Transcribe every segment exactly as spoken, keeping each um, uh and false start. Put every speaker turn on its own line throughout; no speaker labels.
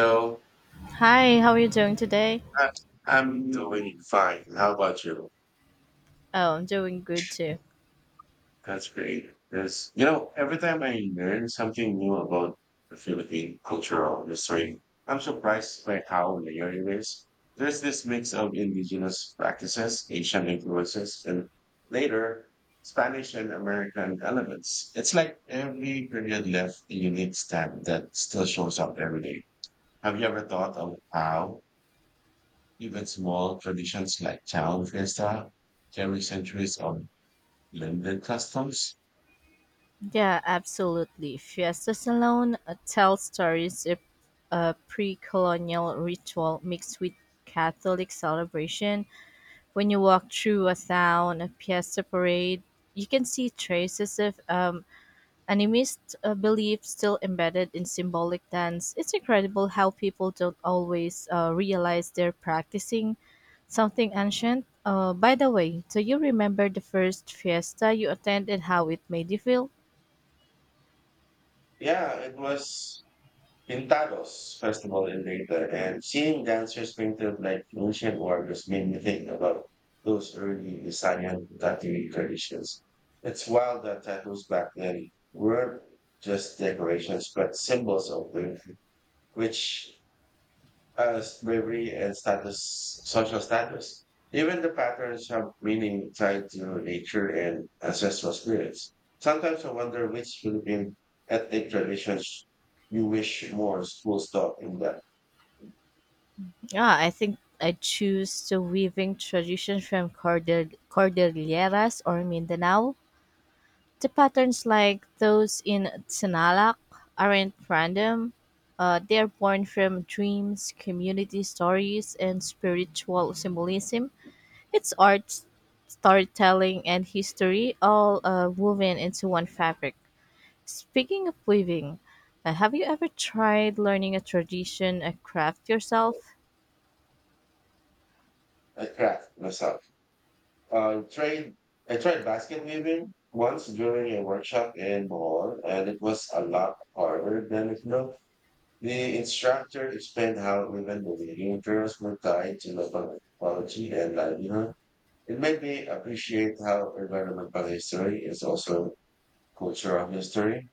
No,
Hi, how are you doing today?
I- I'm doing fine. How about you?
Oh, I'm doing good too.
That's great. There's, you know, every time I learn something new about the Philippine cultural history, I'm surprised by how layered it is. There's this mix of indigenous practices, Asian influences, and later Spanish and American elements. It's like every period left a unique stamp that still shows up every day. Have you ever thought of how even small traditions like town fiesta carry centuries of blended customs.
Yeah, absolutely. Fiesta Salon uh, tells stories of a pre colonial ritual mixed with Catholic celebration. When you walk through a town, a fiesta parade, you can see traces of um, animist uh, beliefs still embedded in symbolic dance. It's incredible how people don't always uh, realize they're practicing something ancient. Uh, by the way, do you remember the first fiesta you attended, how it made you feel?
Yeah, it was Pintados Festival in Leyte, and seeing dancers painted like ancient warriors made me think about those early Visayan tattooing traditions. It's wild that tattoos back then weren't just decorations, but symbols of beauty, which past bravery and status, social status. Even the patterns have meaning tied to nature and ancestral spirits. Sometimes I wonder which Philippine ethnic traditions you wish more schools taught in the
Yeah, I think I choose the weaving tradition from Cordel- Cordilleras or Mindanao. The patterns like those in Sinalac aren't random. Uh, they are born from dreams, community stories, and spiritual symbolism. It's art, storytelling, and history all uh, woven into one fabric. Speaking of weaving, uh, have you ever tried learning a tradition a craft yourself?
I craft myself. I tried I tried basket weaving once during a workshop in Bohol, and it was a lot harder than it looked. The instructor explained how even the weaving girls were tied to local ecology and livelihood. It made me appreciate how environmental history is also cultural history.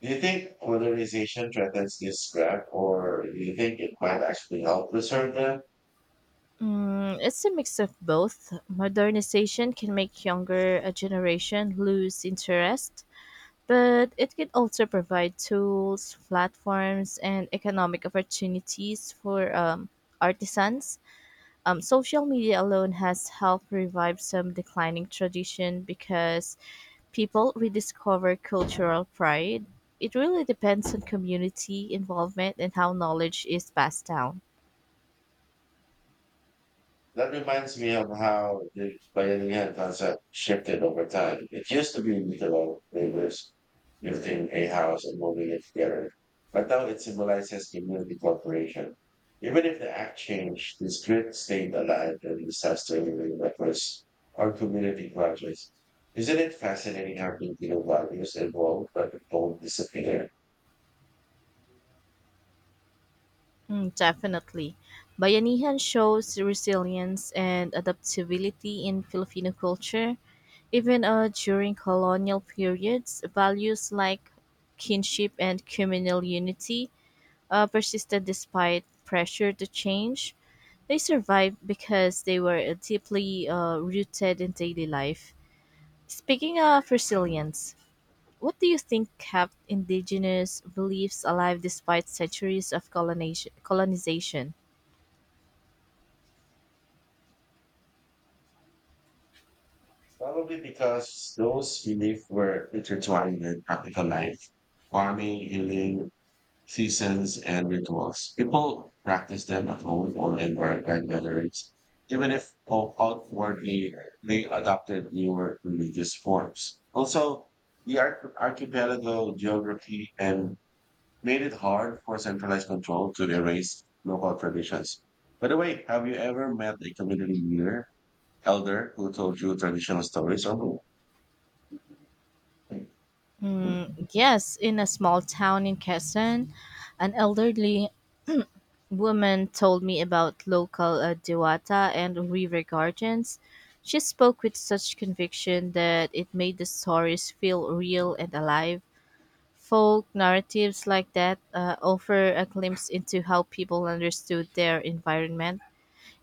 Do you think modernization threatens this gap, or do you think it might actually help preserve them?
Mm, it's a mix of both. Modernization can make younger a generation lose interest, but it can also provide tools, platforms, and economic opportunities for um, artisans. Um, social media alone has helped revive some declining tradition because people rediscover cultural pride. It really depends on community involvement and how knowledge is passed down.
That reminds me of how the pioneer concept shifted over time. It used to be literal neighbors lifting a house and moving it together, but now it symbolizes community cooperation. Even if the act changed, the spirit stayed alive and disaster-relieving efforts are community projects. Isn't it fascinating how community values evolve but don't disappear?
Mm, definitely. Bayanihan shows resilience and adaptability in Filipino culture. Even uh, during colonial periods, values like kinship and communal unity uh, persisted despite pressure to change. They survived because they were deeply uh, rooted in daily life. Speaking of resilience, what do you think kept indigenous beliefs alive despite centuries of colonization? colonization?
Probably because those beliefs were intertwined in practical life: farming, healing, seasons, and rituals. People practice them at home or in barrack gatherings, even if out- outwardly they adopted newer religious forms. Also, the arch- archipelago geography and made it hard for centralized control to erase local traditions. By the way, have you ever met a community leader, elder, who told you traditional stories or more?
Mm, yes, in a small town in Quezon, an elderly woman told me about local uh, Dewata and river gardens. She spoke with such conviction that it made the stories feel real and alive. Folk narratives like that uh, offer a glimpse into how people understood their environment.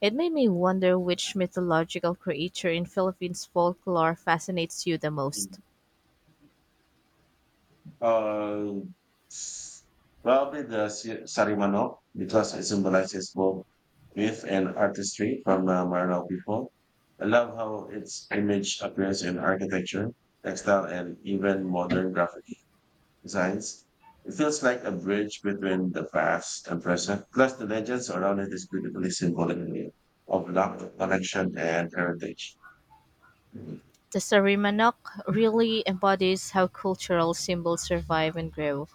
It made me wonder which mythological creature in Philippines folklore fascinates you the most.
Uh, s- probably the si- Sarimanok because it symbolizes both myth and artistry from the Maranao people. I love how its image appears in architecture, textile, and even modern graphic designs. It feels like a bridge between the past and present. Plus, the legends around it is beautifully symbolic of love, connection, and heritage.
The Sarimanok really embodies how cultural symbols survive and grow.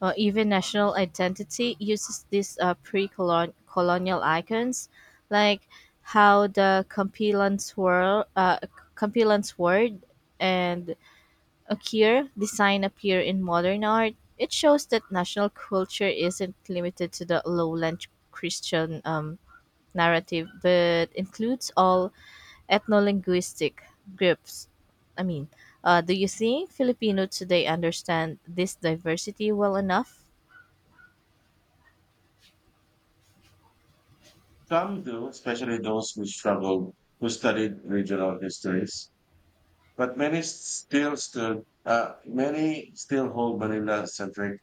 Uh, even national identity uses these uh, pre-colonial icons, like how the Campilan swirl, uh, Campilan sword and Akir design appear in modern art. It shows that national culture isn't limited to the lowland Christian um, narrative, but includes all ethnolinguistic groups. I mean, uh, do you think Filipino today understand this diversity well enough?
Some do, especially those who struggle, who studied regional histories. But many still stood, uh, many still hold Manila centric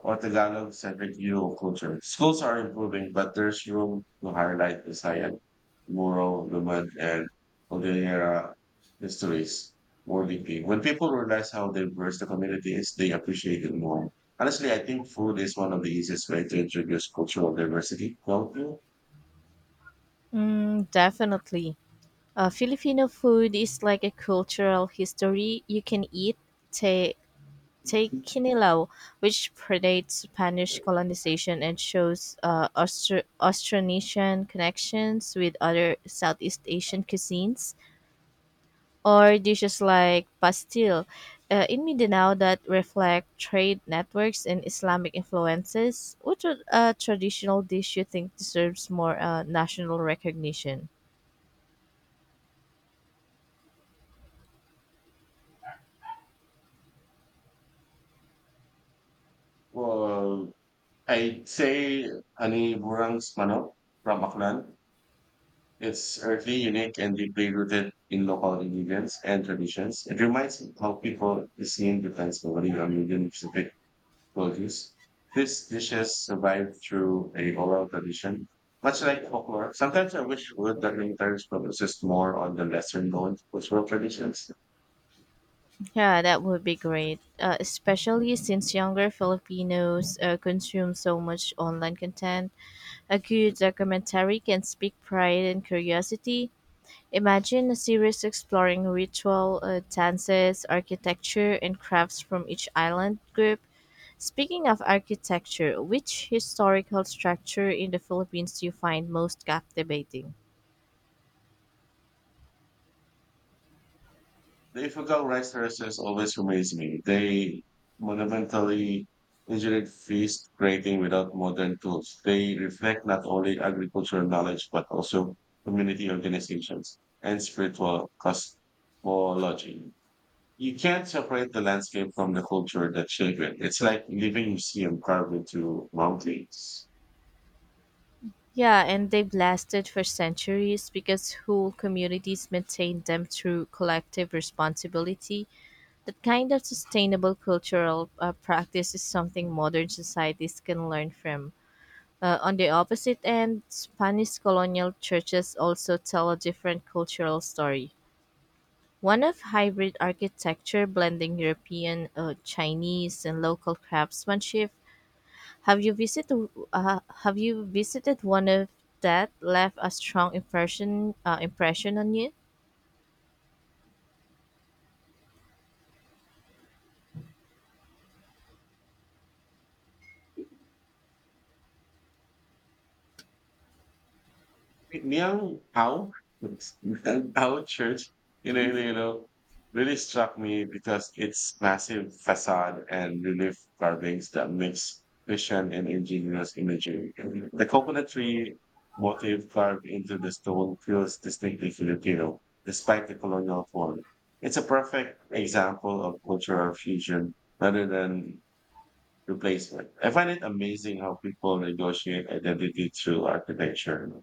or Tagalog centric view of culture. Schools are improving, but there's room to highlight Visayan, Moro, Lumad, and Cordillera histories more deeply. When people realize how diverse the community is, they appreciate it more. Honestly, I think food is one of the easiest way to introduce cultural diversity, don't you?
Mm, definitely. Uh, Filipino food is like a cultural history. You can eat te- tequinilao, which predates Spanish colonization and shows uh, Austro- Austronesian connections with other Southeast Asian cuisines, or dishes like pastil uh, in Mindanao that reflect trade networks and Islamic influences. What a uh, traditional dish you think deserves more uh, national recognition?
Well, I'd say Ani Burang's Manok from Aklan. It's earthly, unique, and deeply rooted in local ingredients and traditions. It reminds me how people seeing depends heavily on region specific produce. These dishes survive through a oral tradition, much like folklore. Sometimes I wish would that encourage focuses more on the lesser known cultural traditions.
Yeah, that would be great, uh, especially since younger Filipinos uh, consume so much online content. A good documentary can speak pride and curiosity. Imagine a series exploring ritual, uh, dances, architecture, and crafts from each island group. Speaking of architecture, which historical structure in the Philippines do you find most captivating?
The Ifugao rice terraces always amaze me. They monumentally engineered feast creating without modern tools. They reflect not only agricultural knowledge but also community organizations and spiritual cosmology. You can't separate the landscape from the culture that shaped it. It's like a living museum carved into mountains.
Yeah, and they've lasted for centuries because whole communities maintained them through collective responsibility. That kind of sustainable cultural uh, practice is something modern societies can learn from. Uh, on the opposite end, Spanish colonial churches also tell a different cultural story. One of hybrid architecture blending European, uh, Chinese, and local craftsmanship. Have you visited uh, Have you visited one of that left a strong impression uh, impression on you?
Neil Howe, Howe Church, you know, you know, you know, really struck me because its massive facade and relief carvings that mix vision and ingenious imagery. The coconut tree motif carved into the stone feels distinctly Filipino, despite the colonial form. It's a perfect example of cultural fusion rather than replacement. I find it amazing how people negotiate identity through architecture.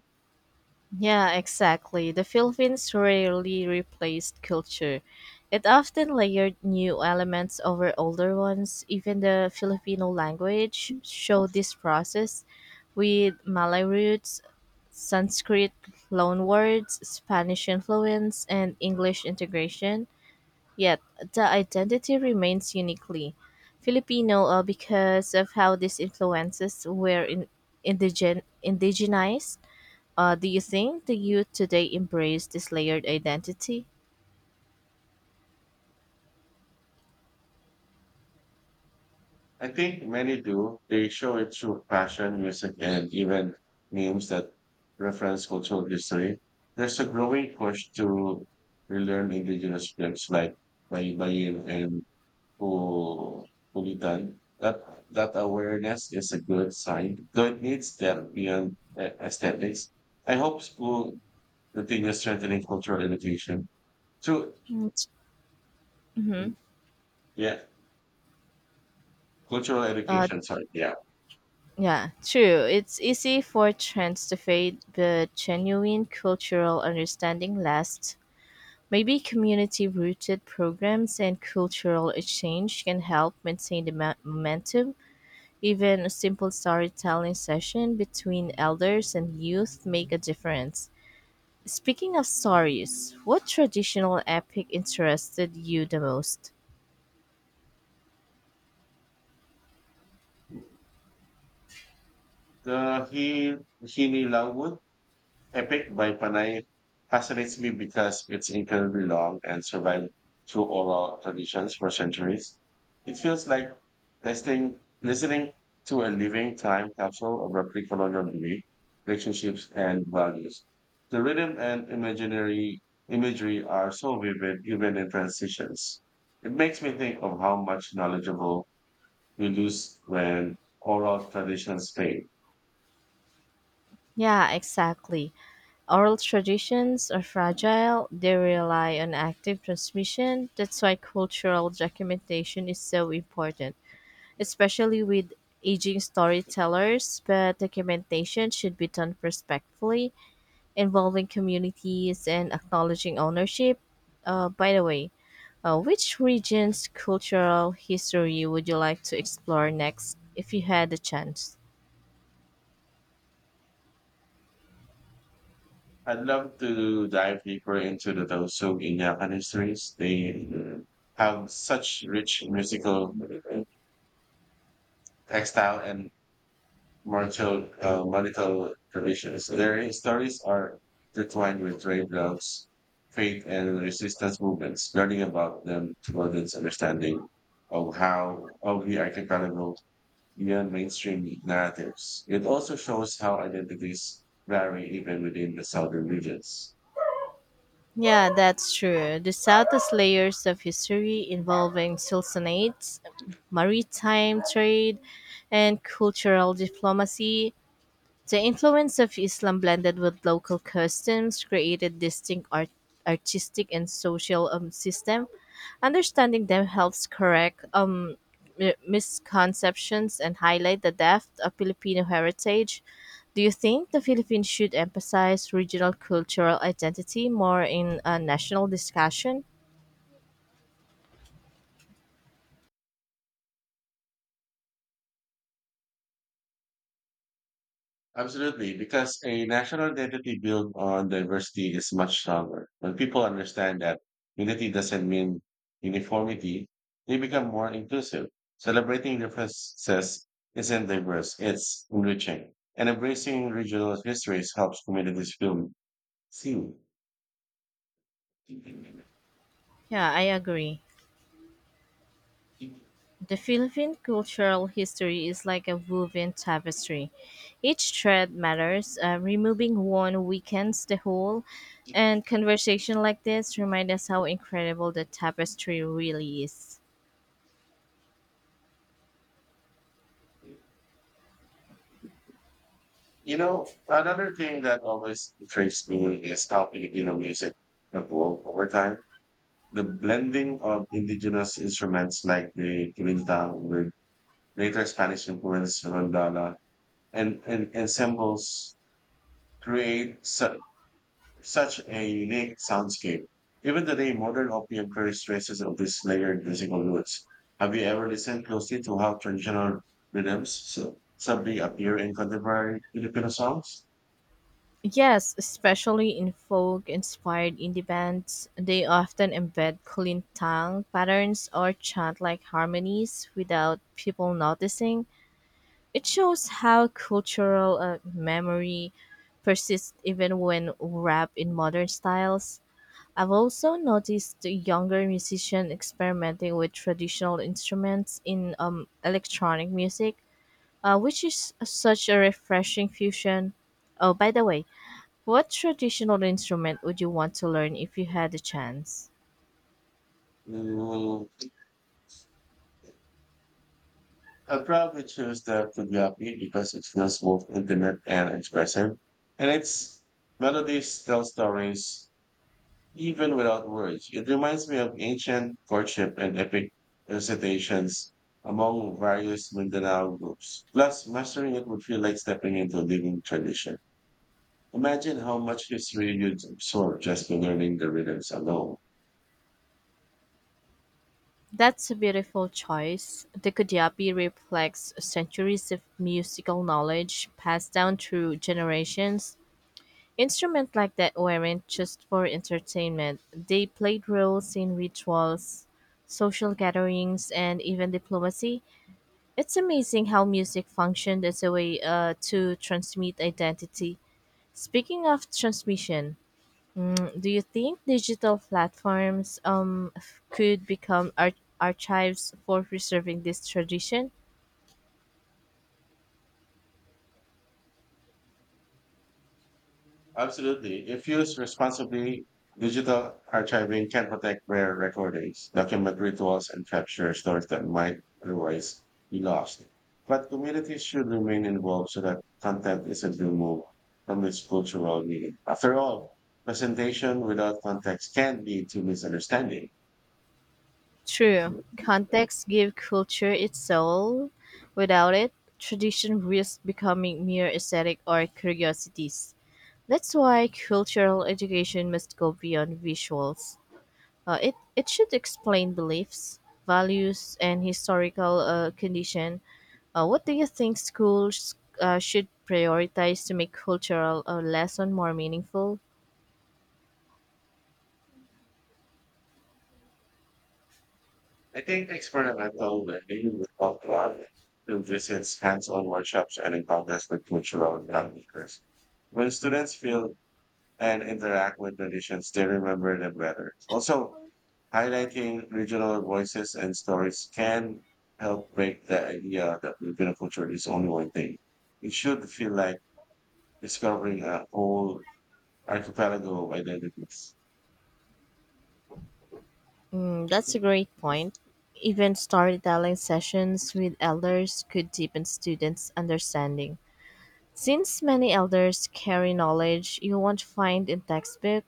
Yeah, exactly. The Philippines rarely replaced culture. It often layered new elements over older ones. Even the Filipino language showed this process with Malay roots, Sanskrit loanwords, Spanish influence, and English integration. Yet the identity remains uniquely Filipino uh, because of how these influences were in, indigen, indigenized. Uh, do you think the youth today embrace this layered identity?
I think many do. They show it through fashion, music, and even memes that reference cultural history. There's a growing push to relearn indigenous films like Baybayin and Pu- Pulitan. That that awareness is a good sign, though it needs them beyond a- aesthetics. I hope school continues strengthening cultural education. So,
Mm-hmm.
yeah, cultural
Uh,
education. Sorry, yeah.
yeah, true. It's easy for trends to fade, but genuine cultural understanding lasts. Maybe community rooted programs and cultural exchange can help maintain the mo- momentum. Even a simple storytelling session between elders and youth make a difference. Speaking of stories, what traditional epic interested you the most?
The hi Hini Langwood Epic by Panay fascinates me because it's incredibly long and survived through oral traditions for centuries. It feels like listening, listening to a living time capsule of our pre-colonial belief, relationships, and values. The rhythm and imaginary imagery are so vivid, even in transitions. It makes me think of how much knowledgeable we lose when oral traditions fade.
Yeah, exactly. Oral traditions are fragile, they rely on active transmission. That's why cultural documentation is so important, especially with aging storytellers, but documentation should be done respectfully involving communities and acknowledging ownership. Uh, by the way, uh, which region's cultural history would you like to explore next if you had the chance?
I'd love to dive deeper into the Dosu in histories. They have such rich musical, textile, and martial, uh, martial traditions. Their stories are intertwined with trade routes, faith, and resistance movements. Learning about them broadens understanding of how of the archipelago beyond mainstream narratives. It also shows how identities vary even within the southern regions.
Yeah, that's true. The South has layers of history involving sultanates, maritime trade, and cultural diplomacy. The influence of Islam blended with local customs created distinct art- artistic and social um, system. Understanding them helps correct um, mi- misconceptions and highlight the depth of Filipino heritage. Do you think the Philippines should emphasize regional cultural identity more in a national discussion?
Absolutely, because a national identity built on diversity is much stronger. When people understand that unity doesn't mean uniformity, they become more inclusive. Celebrating differences isn't diverse, it's enriching. And embracing regional histories helps communities feel seen.
Yeah, I agree. The Philippine cultural history is like a woven tapestry. Each thread matters. Uh, removing one weakens the whole. And conversation like this remind us how incredible the tapestry really is.
You know, another thing that always intrigues me is how Filipino music evolved over time. The blending of indigenous instruments like the quilinta with later Spanish influence rondana and, and ensembles create su- such a unique soundscape. Even today, modern Opium carries traces of these layered musical roots. Have you ever listened closely to how traditional rhythms so, suddenly appear in contemporary Filipino songs?
Yes, especially in folk-inspired indie bands, they often embed Kulintang patterns or chant-like harmonies without people noticing. It shows how cultural uh, memory persists even when wrapped in modern styles. I've also noticed the younger musicians experimenting with traditional instruments in um, electronic music, uh, which is such a refreshing fusion. Oh, by the way, what traditional instrument would you want to learn if you had the chance?
Mm, I would probably choose the Kujabi because it feels both intimate and expressive. And its melodies tell stories even without words. It reminds me of ancient courtship and epic recitations among various Mindanao groups. Plus, mastering it would feel like stepping into a living tradition. Imagine how much history you'd absorb just by learning the rhythms alone.
That's a beautiful choice. The Kudiabi reflects centuries of musical knowledge passed down through generations. Instruments like that weren't just for entertainment, they played roles in rituals, social gatherings, and even diplomacy. It's amazing how music functioned as a way uh, to transmit identity. Speaking of transmission, mm, do you think digital platforms um, f- could become ar- archives for preserving this tradition?
Absolutely. If used responsibly, digital archiving can protect rare recordings, document rituals, and capture stories that might otherwise be lost. But communities should remain involved so that content isn't removed from its cultural meaning. After all, presentation without context can lead to misunderstanding.
True. Context give culture its soul. Without it, tradition risks becoming mere aesthetic or curiosities. That's why cultural education must go beyond visuals. Uh, it, it should explain beliefs, values, and historical uh, condition. Uh, what do you think schools uh, should prioritize to make cultural uh, lesson more meaningful?
I think experimental learning with cultural through visits, hands-on workshops, and encounters with cultural groundbreakers. When students feel and interact with traditions, they remember them better. Also, highlighting regional voices and stories can help break the idea that Filipino culture is only one thing. It should feel like discovering a whole archipelago of identities.
Mm, that's a great point. Even storytelling sessions with elders could deepen students' understanding. Since many elders carry knowledge you won't find in textbook,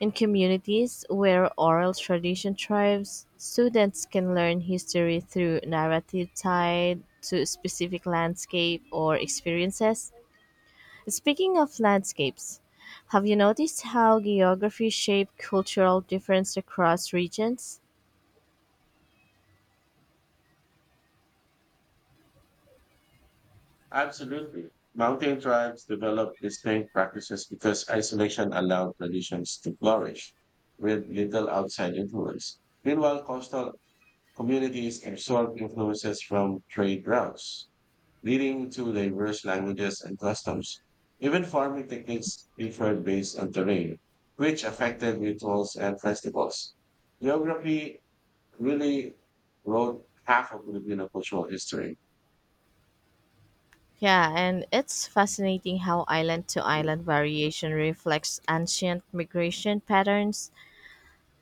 in communities where oral tradition thrives, students can learn history through narrative tied to specific landscape or experiences. Speaking of landscapes, have you noticed how geography shaped cultural difference across regions?
Absolutely. Mountain tribes develop distinct practices because isolation allowed traditions to flourish with little outside influence. Meanwhile, coastal communities absorb influences from trade routes leading to diverse languages and customs. Even farming techniques differed based on terrain, which affected rituals and festivals. Geography really wrote half of Filipino cultural history.
Yeah, and it's fascinating how island to island variation reflects ancient migration patterns.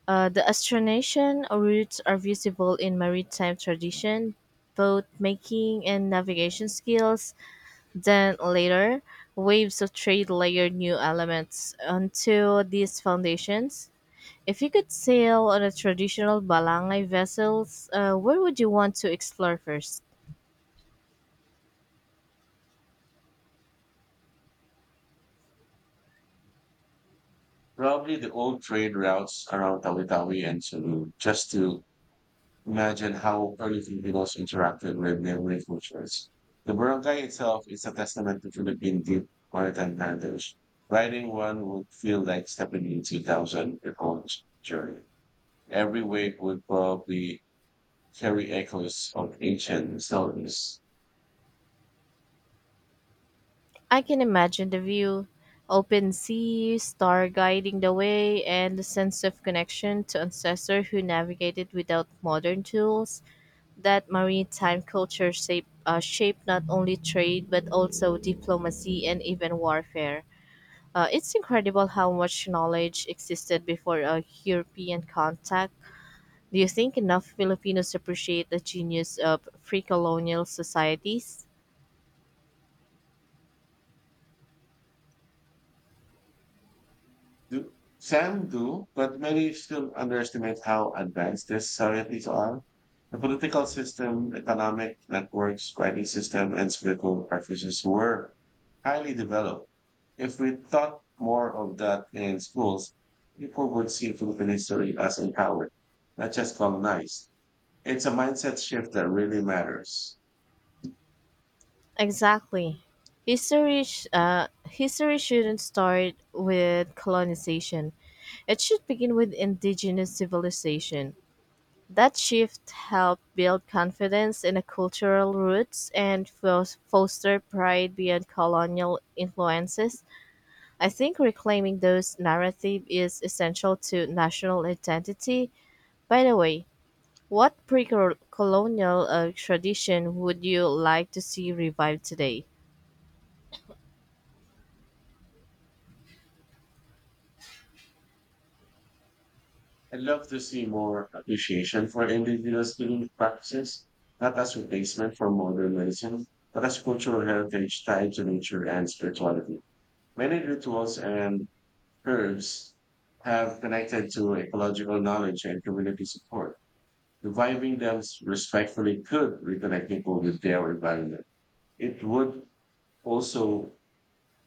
Uh, the Austronesian roots are visible in maritime tradition, boat making and navigation skills. Then later, waves of trade layered new elements onto these foundations. If you could sail on a traditional Balangay vessels, uh, where would you want to explore first?
Probably the old trade routes around Tawi-Tawi and Sulu, just to imagine how early Filipinos interacted with neighboring cultures. The barangay itself is a testament to Philippine deep maritime heritage. Riding one would feel like stepping into two thousand year old journey. Every wave would probably carry echoes of ancient stories.
I can imagine the view, open sea, star guiding the way, and the sense of connection to ancestors who navigated without modern tools. That maritime culture shape, uh, shaped not only trade but also diplomacy and even warfare. Uh, it's incredible how much knowledge existed before uh, European contact. Do you think enough Filipinos appreciate the genius of pre colonial societies?
Do, some do, but many still underestimate how advanced these societies are. The political system, economic networks, writing system, and spiritual practices were highly developed. If we taught more of that in schools, people would see Philippine history as empowered, not just colonized. It's a mindset shift that really matters.
Exactly. History, sh- uh, history shouldn't start with colonization. It should begin with indigenous civilization. That shift helped build confidence in the cultural roots and fos- foster pride beyond colonial influences. I think reclaiming those narrative is essential to national identity. By the way, what pre-colonial uh, tradition would you like to see revived today?
I'd love to see more appreciation for indigenous healing practices, not as replacement for modern medicine, but as cultural heritage tied to nature and spirituality. Many rituals and herbs have connected to ecological knowledge and community support. Reviving them respectfully could reconnect people with their environment. It would also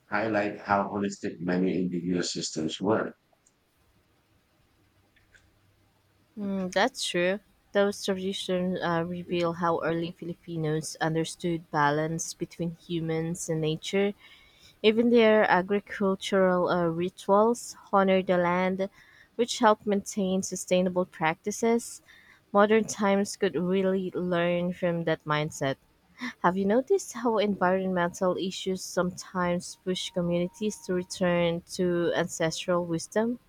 highlight how holistic many indigenous systems were.
Hmm, that's true. Those traditions uh, reveal how early Filipinos understood balance between humans and nature. Even their agricultural uh, rituals honor the land, which help maintain sustainable practices. Modern times could really learn from that mindset. Have you noticed how environmental issues sometimes push communities to return to ancestral wisdom?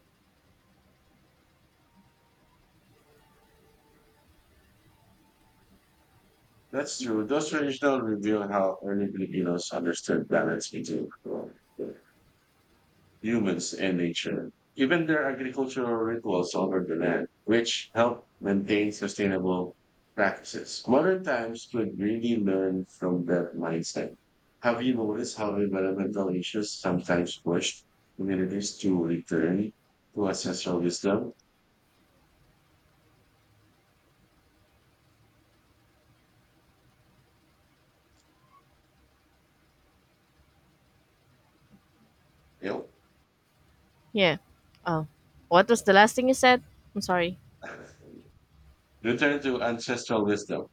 That's true. Those traditions reveal how early Filipinos understood balance between well, humans and nature. Even their agricultural rituals over the land, which help maintain sustainable practices. Modern times could really learn from that mindset. Have you noticed how environmental issues sometimes push communities to return to ancestral wisdom? Yep.
Yeah. Oh, what was the last thing you said? I'm sorry.
Return to ancestral wisdom.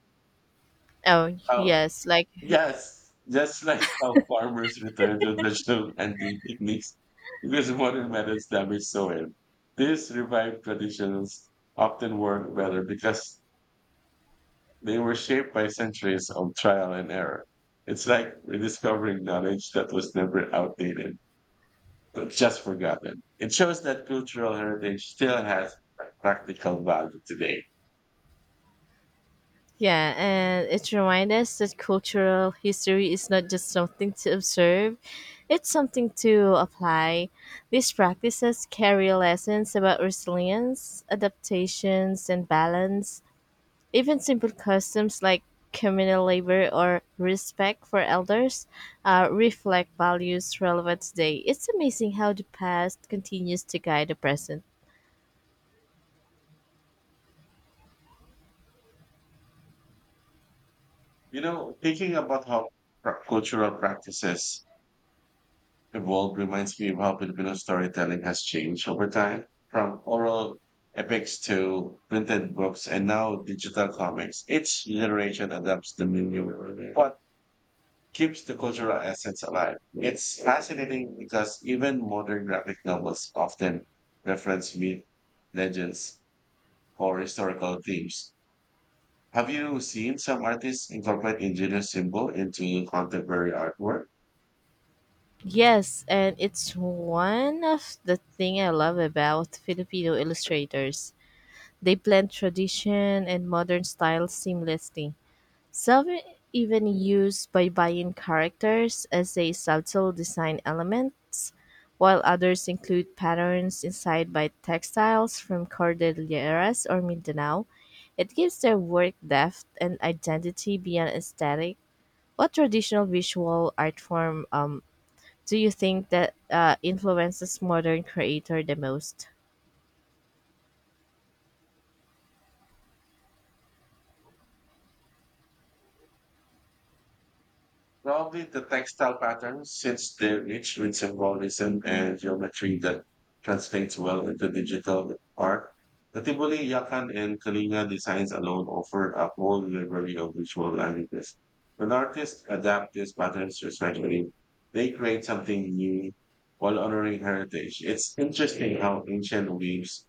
Oh,
How
yes. Like,
Yes, just like how farmers return to traditional hunting techniques because modern methods damage soil. These revived traditions often work better because they were shaped by centuries of trial and error. It's like rediscovering knowledge that was never outdated, but just forgotten. It shows that cultural heritage still has practical value today.
yeah, and it reminds us that cultural history is not just something to observe, it's something to apply. These practices carry lessons about resilience, adaptations, and balance. Even simple customs like communal labor or respect for elders uh, reflect values relevant today. It's amazing how the past continues to guide the present.
You know, thinking about how pra- cultural practices evolved reminds me of how Filipino storytelling has changed over time, from oral epics to printed books and now digital comics. Each generation adapts the menu, but keeps the cultural essence alive. It's fascinating because even modern graphic novels often reference myth, legends, or historical themes. Have you seen some artists incorporate indigenous symbol into contemporary artwork?
Yes, and it's one of the thing I love about Filipino illustrators. They blend tradition and modern style seamlessly. Some even use Baybayin characters as a subtle design elements, while others include patterns inspired by textiles from Cordilleras or Mindanao. It gives their work depth and identity beyond aesthetic. What traditional visual art form um, do you think that uh, influences modern creator the most?
Probably the textile patterns, since they're rich with symbolism and geometry that translates well into digital art. The Tivoli, Yakan, and Kalinga designs alone offer a whole library of visual languages. When artists adapt these patterns respectfully, they create something new while honoring heritage. It's interesting how ancient weaves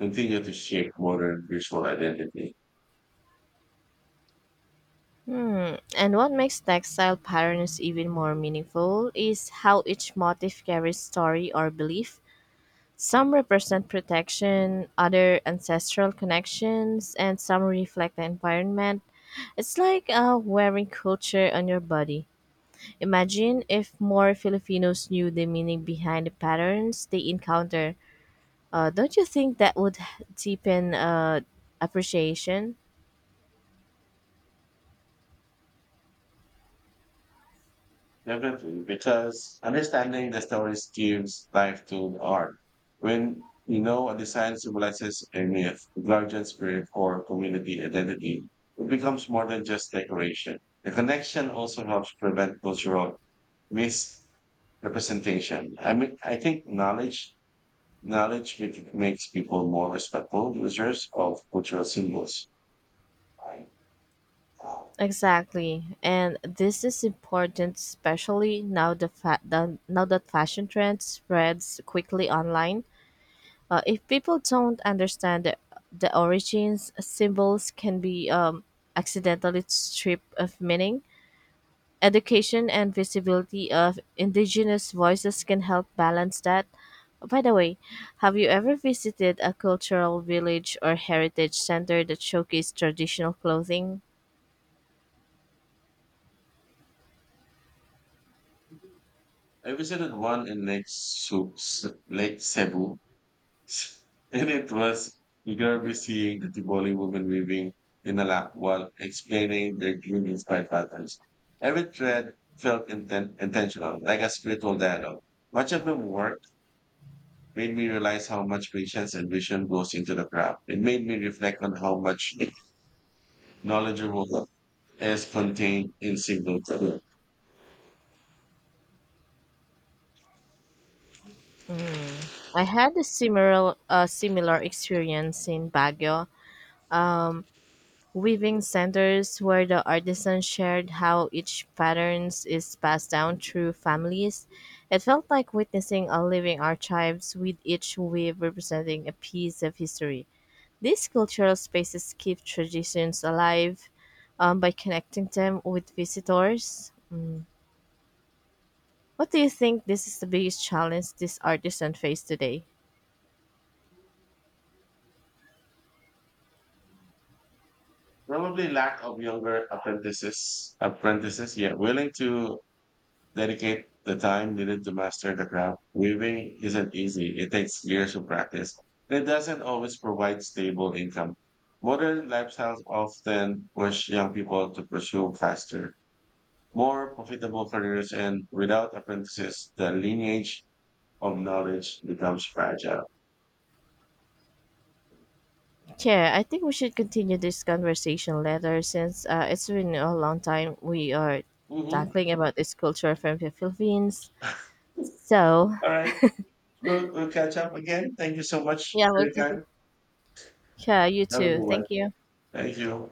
continue to shape modern visual identity.
Hmm. And what makes textile patterns even more meaningful is how each motif carries story or belief. Some represent protection, other ancestral connections, and some reflect the environment. It's like uh, wearing culture on your body. Imagine if more Filipinos knew the meaning behind the patterns they encounter. Uh, don't you think that would deepen uh, appreciation?
Definitely, because understanding the stories gives life to the art. When you know a design symbolizes a myth, guardian spirit, or community identity, it becomes more than just decoration. The connection also helps prevent cultural misrepresentation. I mean, I think knowledge, knowledge mak- makes people more respectful users of cultural symbols.
Exactly, and this is important, especially now the, fa- the now that fashion trend spreads quickly online. Uh, if people don't understand the, the origins, symbols can be um, accidentally stripped of meaning. Education and visibility of indigenous voices can help balance that. By the way, have you ever visited a cultural village or heritage center that showcased traditional clothing?
I visited one in Lake, Su- Lake Cebu and it was eagerly seeing the Tivoli woman weaving in a lap while explaining their green inspired patterns. Every thread felt inten- intentional, like a spiritual dialogue. Much of the work made me realize how much patience and vision goes into the craft. It made me reflect on how much knowledgeable is contained in single thread.
I had a similar, a similar experience in Baguio, weaving centers where the artisans shared how each patterns is passed down through families. It felt like witnessing a living archives with each weave representing a piece of history. These cultural spaces keep traditions alive um, by connecting them with visitors. Mm. What do you think this is the biggest challenge this artisan face today?
Probably lack of younger apprentices, apprentices, yeah, willing to dedicate the time needed to master the craft. Weaving isn't easy. It takes years of practice. And it doesn't always provide stable income. Modern lifestyles often push young people to pursue faster, more profitable careers, and without apprentices, the lineage of knowledge becomes fragile.
Yeah, I think we should continue this conversation later since uh, it's been a long time we are
Mhm.
tackling about this culture from the Philippines. So,
All right. We'll, we'll catch up again. Thank you so much
yeah,
for
well,
your
Kathy,
time.
yeah, you
Have a good
too.
one.
Thank you.
Thank you.